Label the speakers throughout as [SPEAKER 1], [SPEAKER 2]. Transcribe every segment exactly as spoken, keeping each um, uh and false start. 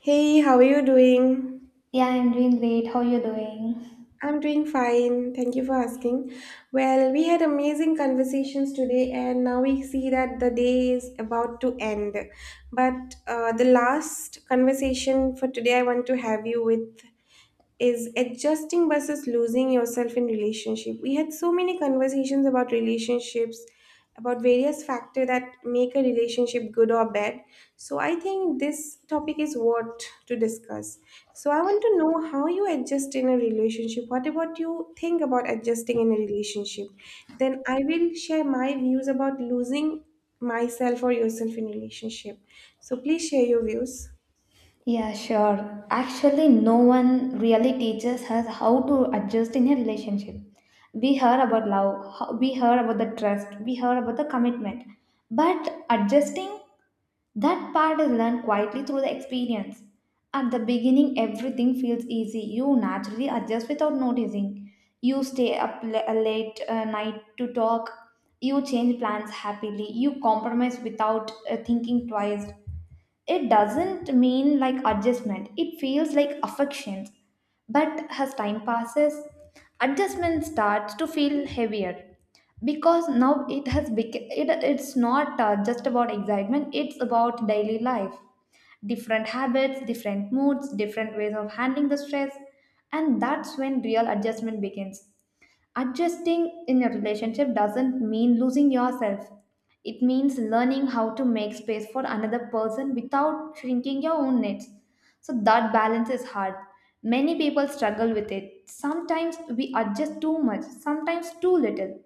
[SPEAKER 1] Hey, how are you doing?
[SPEAKER 2] Yeah, I'm doing great. How you doing?
[SPEAKER 1] I'm doing fine. Thank you for asking. Well, we had amazing conversations today, and now we see that the day is about to end. But uh, the last conversation for today I want to have you with is adjusting versus losing yourself in relationship. We had so many conversations about relationships, about various factors that make a relationship good or bad, so I think this topic is worth to discuss. So I want to know how you adjust in a relationship, what about you think about adjusting in a relationship. Then I will share my views about losing myself or yourself in relationship. So please share your views.
[SPEAKER 2] Yeah, sure. Actually, no one really teaches us how to adjust in a relationship. We heard about love, how- we heard about the trust, we heard about the commitment. But adjusting, that part is learned quietly through the experience. At the beginning, everything feels easy. You naturally adjust without noticing. You stay up la- uh, late uh, night to talk. You change plans happily. You compromise without uh, thinking twice. It doesn't mean like adjustment, it feels like affections. But as time passes, adjustment starts to feel heavier because now it has become it, it's not uh, just about excitement, it's about daily life. Different habits, different moods, different ways of handling the stress, and that's when real adjustment begins. Adjusting in a relationship doesn't mean losing yourself. It means learning how to make space for another person without shrinking your own needs. So that balance is hard. Many people struggle with it. Sometimes we adjust too much, sometimes too little.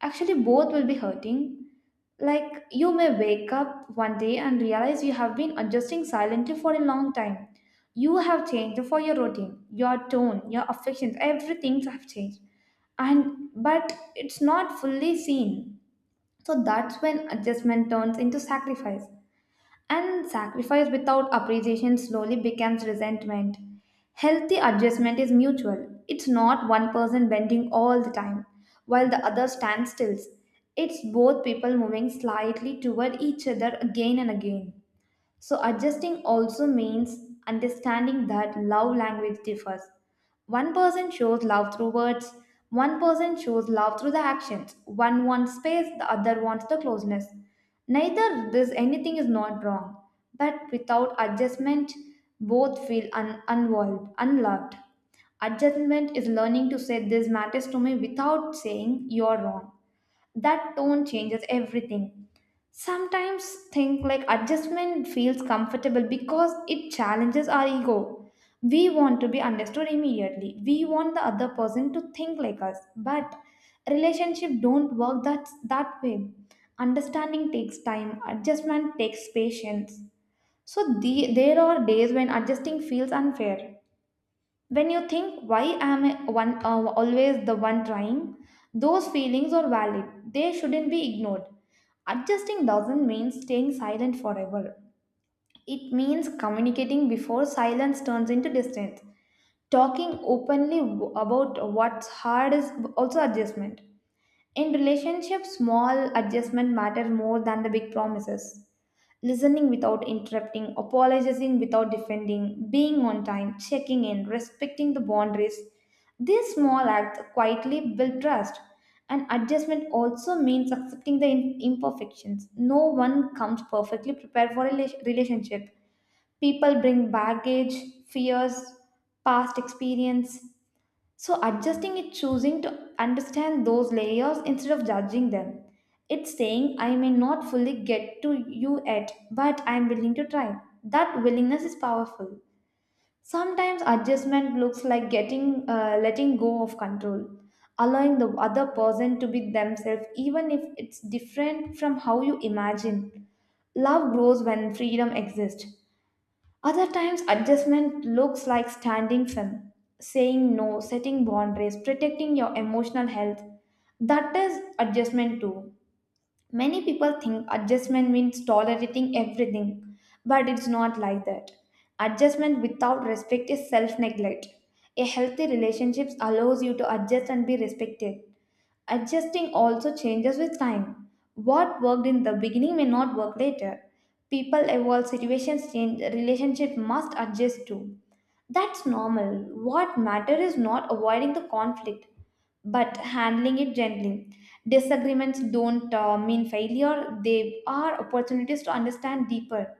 [SPEAKER 2] Actually, both will be hurting. Like you may wake up one day and realize you have been adjusting silently for a long time. You have changed for your routine, your tone, your affections, everything have changed and but it's not fully seen. So that's when adjustment turns into sacrifice, and sacrifice without appreciation slowly becomes resentment. Healthy adjustment is mutual. It's not one person bending all the time while the other stands still. It's both people moving slightly toward each other again and again. So, adjusting also means understanding that love language differs. One person shows love through words, one person shows love through the actions. One wants space, the other wants the closeness. Neither this anything is not wrong, but without adjustment, both feel un- unwalled, unloved. Adjustment is learning to say this matters to me without saying you're wrong. That tone changes everything. Sometimes think like adjustment feels comfortable because it challenges our ego. We want to be understood immediately. We want the other person to think like us. But relationship don't work that that way. Understanding takes time. Adjustment takes patience. So the, there are days when adjusting feels unfair. When you think, why am I one, uh, always the one trying? Those feelings are valid. They shouldn't be ignored. Adjusting doesn't mean staying silent forever. It means communicating before silence turns into distance. Talking openly w- about what's hard is also adjustment. In relationships, small adjustment matter more than the big promises: listening without interrupting, apologizing without defending, being on time, checking in, respecting the boundaries. These small acts quietly build trust. And adjustment also means accepting the im- imperfections. No one comes perfectly prepared for a rela- relationship. People bring baggage, fears, past experience, so, adjusting is choosing to understand those layers instead of judging them. It's saying, I may not fully get to you yet, but I'm willing to try. That willingness is powerful. Sometimes adjustment looks like getting uh, letting go of control, allowing the other person to be themselves, even if it's different from how you imagine. Love grows when freedom exists. Other times, adjustment looks like standing firm, saying no, setting boundaries, protecting your emotional health. That is adjustment too. Many people think adjustment means tolerating everything, but it's not like that. Adjustment without respect is self neglect. A healthy relationship allows you to adjust and be respected. Adjusting also changes with time. What worked in the beginning may not work later. People evolve, situations change, relationship must adjust too. That's normal. What matters is not avoiding the conflict, but handling it gently. Disagreements don't uh, mean failure, they are opportunities to understand deeper.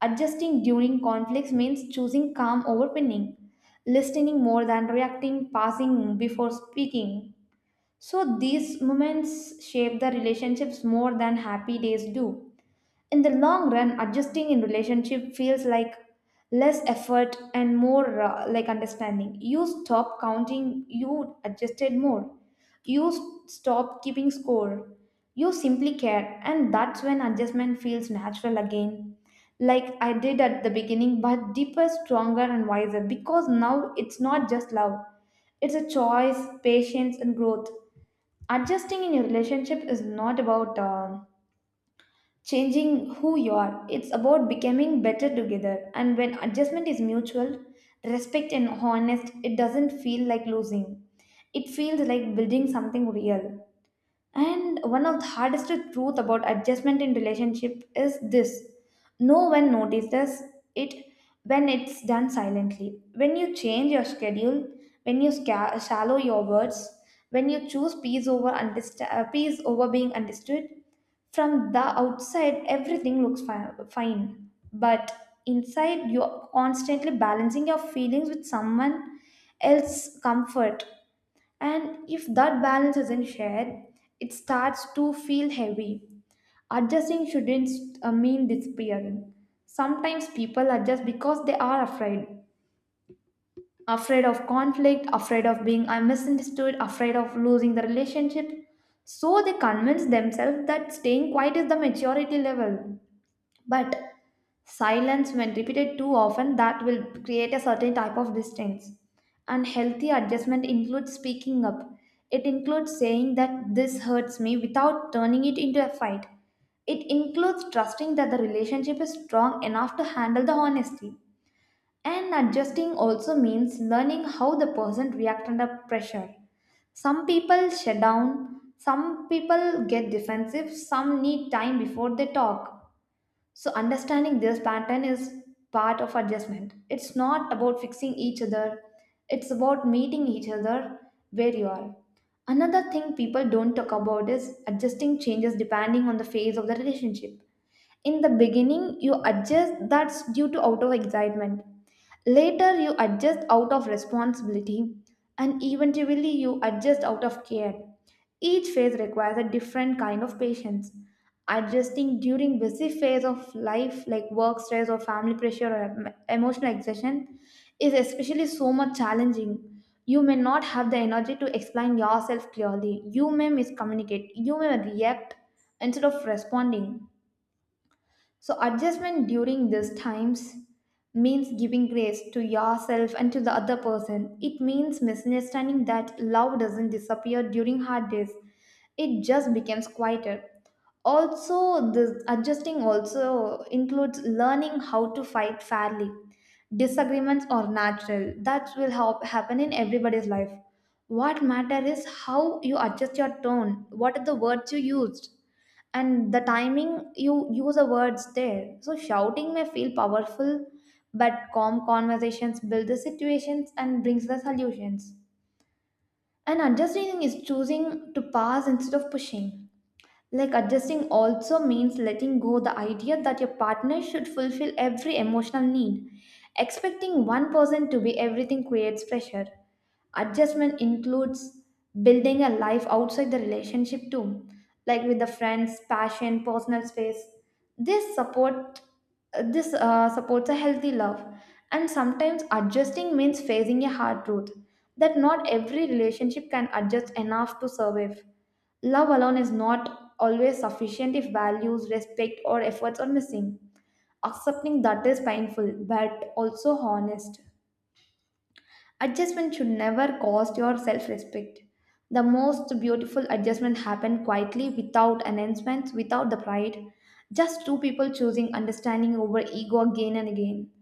[SPEAKER 2] Adjusting during conflicts means choosing calm over pinning, listening more than reacting, passing before speaking, so these moments shape the relationships more than happy days do. In the long run, adjusting in relationship feels like less effort and more uh, like understanding. You stop counting, you adjusted more. You s- stop keeping score. You simply care, and that's when adjustment feels natural again. Like I did at the beginning, but deeper, stronger, and wiser because now it's not just love. It's a choice, patience, and growth. Adjusting in your relationship is not about um changing who you are. It's about becoming better together, and when adjustment is mutual, respect and honest, it doesn't feel like losing, it feels like building something real. And one of the hardest truth about adjustment in relationship is this. No one notices it when it's done silently. When you change your schedule, when you sca- shallow your words, when you choose peace over understa- uh, peace over being understood, from the outside everything looks fi- fine. But inside you're constantly balancing your feelings with someone else's comfort, and if that balance isn't shared, it starts to feel heavy. Adjusting shouldn't uh, mean disappearing. Sometimes people adjust because they are afraid. Afraid of conflict, afraid of being uh, misunderstood, afraid of losing the relationship. So they convince themselves that staying quiet is the maturity level. But silence, when repeated too often, that will create a certain type of distance. And healthy adjustment includes speaking up. It includes saying that this hurts me without turning it into a fight. It includes trusting that the relationship is strong enough to handle the honesty. And adjusting also means learning how the person reacts under pressure. Some people shut down, some people get defensive, some need time before they talk. So understanding this pattern is part of adjustment. It's not about fixing each other, it's about meeting each other where you are. Another thing people don't talk about is adjusting changes depending on the phase of the relationship. In the beginning, you adjust that's due to out of excitement. Later, you adjust out of responsibility, and eventually, you adjust out of care. Each phase requires a different kind of patience. Adjusting during busy phase of life like work stress or family pressure or em- emotional exhaustion is especially so much challenging. You may not have the energy to explain yourself clearly. You may miscommunicate. You may react instead of responding. So, adjustment during these times means giving grace to yourself and to the other person. It means misunderstanding that love doesn't disappear during hard days, it just becomes quieter. Also this adjusting also includes learning how to fight fairly. Disagreements are natural, that will help happen in everybody's life. What matter is how you adjust your tone, what are the words you used and the timing you use the words there. So shouting may feel powerful, but calm conversations build the situations and brings the solutions. And adjusting is choosing to pass instead of pushing. Like adjusting also means letting go the idea that your partner should fulfill every emotional need. Expecting one person to be everything creates pressure. Adjustment includes building a life outside the relationship too, like with the friends, passion, personal space. This support this uh, supports a healthy love. And sometimes adjusting means facing a hard truth that not every relationship can adjust enough to survive. Love alone is not always sufficient if values, respect, or efforts are missing. Accepting that is painful but also honest. Adjustment should never cost your self respect. The most beautiful adjustment happen quietly without announcements, without the pride. Just two people choosing understanding over ego again and again.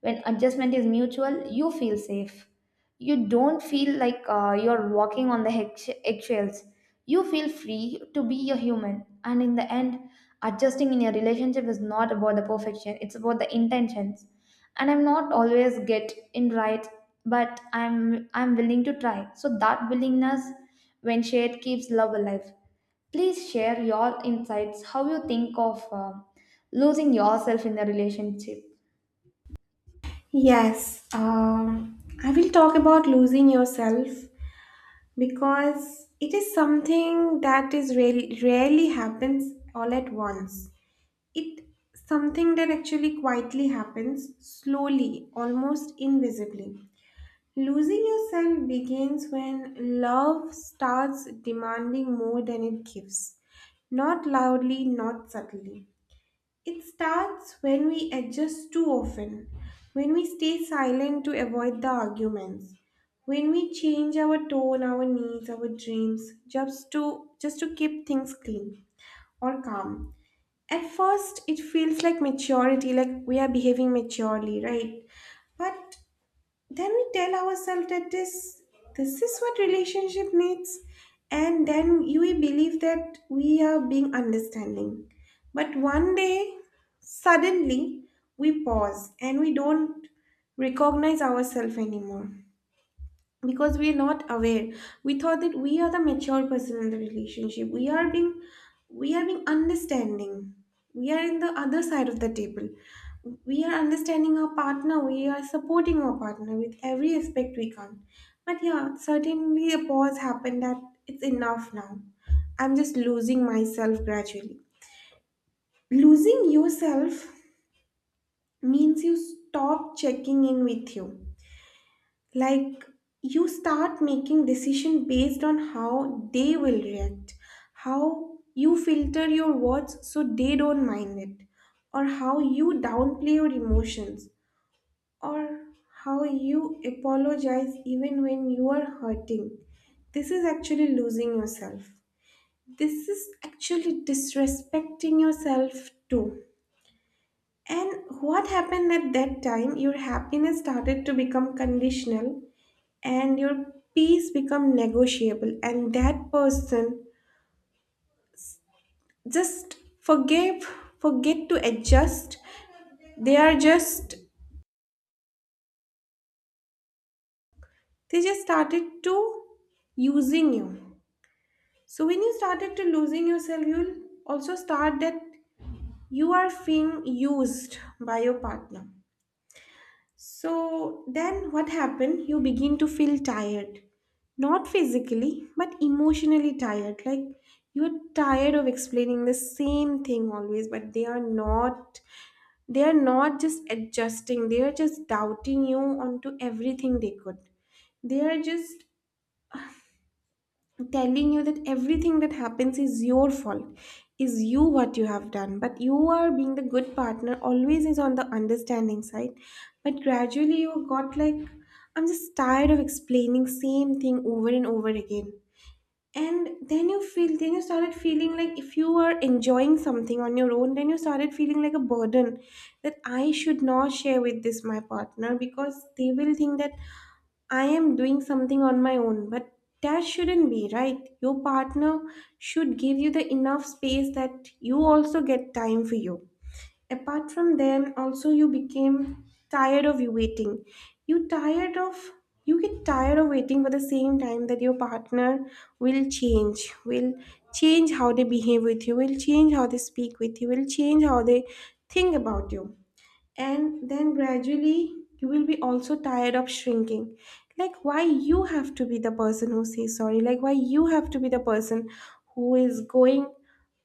[SPEAKER 2] When adjustment is mutual, you feel safe. You don't feel like uh, you're walking on the eggshe- eggshells. You feel free to be a human. And in the end, adjusting in your relationship is not about the perfection, it's about the intentions. And I'm not always get in right, but I'm I'm willing to try. So that willingness when shared keeps love alive. Please share your insights, how you think of uh, losing yourself in the relationship.
[SPEAKER 1] Yes, um, I will talk about losing yourself, because it is something that is really rarely happens all at once. It something that actually quietly happens slowly, almost invisibly. Losing yourself begins when love starts demanding more than it gives, not loudly, not subtly. It starts when we adjust too often, when we stay silent to avoid the arguments, when we change our tone, our needs, our dreams just to just to keep things clean or calm. At first it feels like maturity, like we are behaving maturely, right? But then we tell ourselves that this this is what relationship needs, and then you will believe that we are being understanding. But one day, suddenly, we pause and we don't recognize ourselves anymore, because we are not aware. We thought that we are the mature person in the relationship, we are being we are being understanding, we are in the other side of the table, we are understanding our partner, we are supporting our partner with every aspect we can. But yeah, certainly a pause happened that it's enough now, I'm just losing myself gradually. Losing yourself means you stop checking in with you. Like, you start making decision based on how they will react, how you filter your words so they don't mind it, or how you downplay your emotions, or how you apologize even when you are hurting. This is actually losing yourself, this is actually disrespecting yourself too. And what happened at that time, your happiness started to become conditional, and your peace become negotiable, and that person just forgave, forget to adjust. they are just they just started to using you. So when you started to losing yourself, you'll also start that you are being used by your partner. So then what happened? You begin to feel tired. Not physically, but emotionally tired. Like, you're tired of explaining the same thing always, but they are not they are not just adjusting, they are just doubting you onto everything they could. They are just telling you that everything that happens is your fault, is you what you have done, but you are being the good partner, always is on the understanding side. But gradually you got like, I'm just tired of explaining same thing over and over again. And then you feel then you started feeling like, if you are enjoying something on your own, then you started feeling like a burden, that I should not share with this my partner because they will think that I am doing something on my own. But that shouldn't be, right? Your partner should give you the enough space that you also get time for you. Apart from them, also you became tired of you waiting. You tired of you get tired of waiting for the same time that your partner will change, will change how they behave with you, will change how they speak with you, will change how they think about you. And then gradually you will be also tired of shrinking. Like, why you have to be the person who says sorry, like, why you have to be the person who is going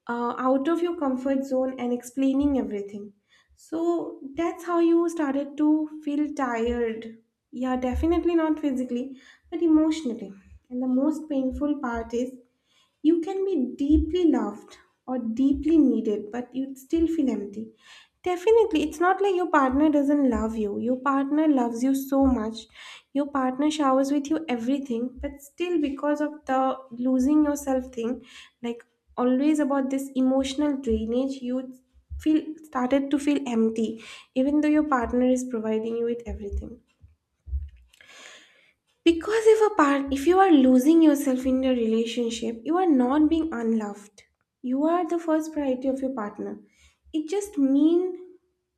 [SPEAKER 1] uh, out of your comfort zone and explaining everything. So that's how you started to feel tired. Yeah, definitely not physically, but emotionally. And the most painful part is, you can be deeply loved or deeply needed, but you'd still feel empty. Definitely, it's not like your partner doesn't love you. Your partner loves you so much. Your partner showers with you everything, but still, because of the losing yourself thing, like, always about this emotional drainage, you feel started to feel empty, even though your partner is providing you with everything. Because if a part if you are losing yourself in your relationship, you are not being unloved. You are the first priority of your partner. It just means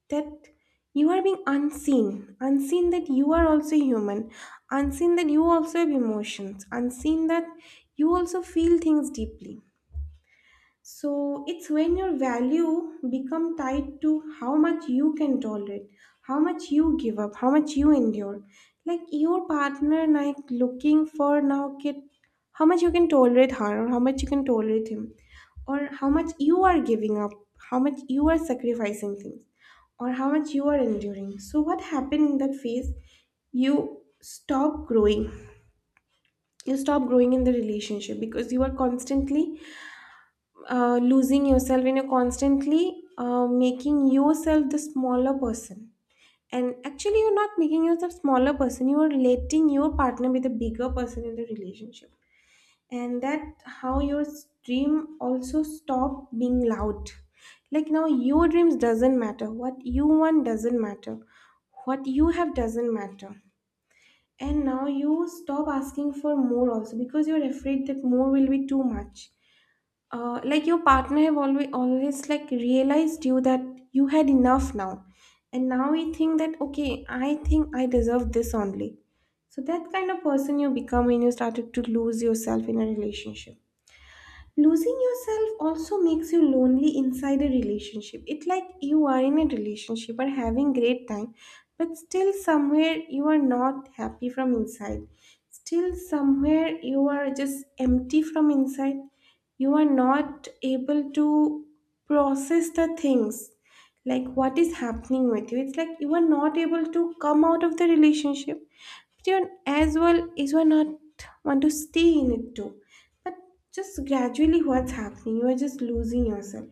[SPEAKER 1] that you are being unseen. Unseen that you are also human. Unseen that you also have emotions. Unseen that you also feel things deeply. So it's when your value become tied to how much you can tolerate, how much you give up, how much you endure. Like, your partner like looking for now kid, how much you can tolerate her, or how much you can tolerate him, or how much you are giving up, how much you are sacrificing things, or how much you are enduring. So what happened in that phase? You stop growing. You stop growing in the relationship because you are constantly uh, losing yourself, and you're constantly uh, making yourself the smaller person. And actually you're not making yourself smaller person, you are letting your partner be the bigger person in the relationship. And that how your dream also stop being loud. Like, now your dreams doesn't matter, what you want doesn't matter, what you have doesn't matter. And now you stop asking for more also, because you're afraid that more will be too much. Uh, like, your partner have always always like realized you that you had enough now. And now you think that, okay, I think I deserve this only. So that kind of person you become when you started to lose yourself in a relationship. Losing yourself also makes you lonely inside a relationship. It's like you are in a relationship or having great time, but still somewhere you are not happy from inside, still somewhere you are just empty from inside. You are not able to process the things, like what is happening with you. It's like you are not able to come out of the relationship, but you are, as well as you are not want to stay in it too. But just gradually, what's happening? You are just losing yourself.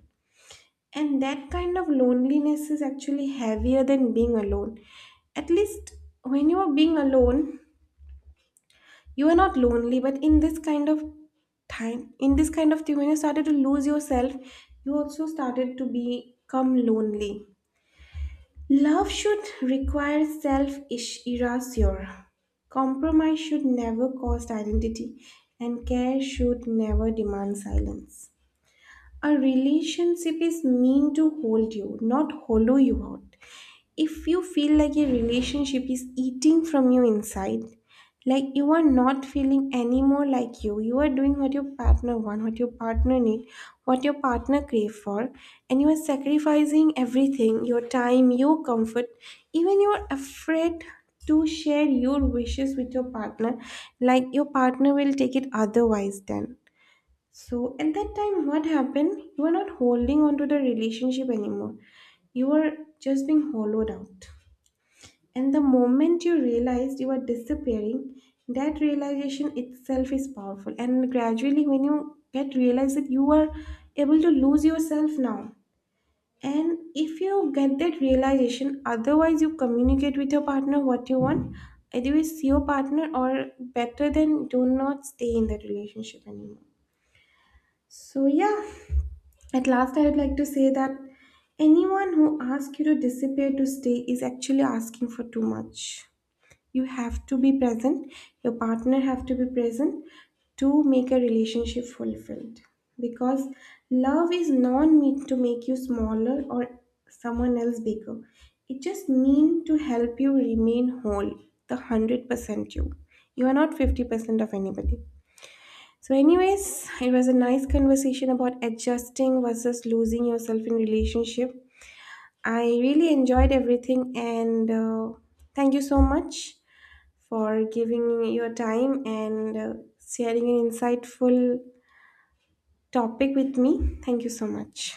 [SPEAKER 1] And that kind of loneliness is actually heavier than being alone. At least when you are being alone, you are not lonely, but in this kind of time, in this kind of thing, when you started to lose yourself, you also started to become lonely. Love should require self erasure. Compromise should never cost identity, and care should never demand silence. A relationship is meant to hold you, not hollow you out. If you feel like a relationship is eating from you inside, like you are not feeling anymore like you, you are doing what your partner want, what your partner need, what your partner crave for, and you are sacrificing everything, your time, your comfort, even you are afraid to share your wishes with your partner, like your partner will take it otherwise then. So at that time, what happened? You are not holding on to the relationship anymore. You are just being hollowed out. And the moment you realize you are disappearing, that realization itself is powerful. And gradually, when you get realized that you are able to lose yourself now, and if you get that realization, otherwise, you communicate with your partner what you want. Either with your partner, or better than do not stay in that relationship anymore. So yeah, at last, I'd like to say that anyone who asks you to disappear to stay is actually asking for too much. You have to be present, your partner have to be present, to make a relationship fulfilled. Because love is not meant to make you smaller or someone else bigger. It just means to help you remain whole, the one hundred percent you. You are not fifty percent of anybody. So, anyways, it was a nice conversation about adjusting versus losing yourself in relationship. I really enjoyed everything, and uh, thank you so much for giving me your time, and uh, sharing an insightful topic with me. Thank you so much.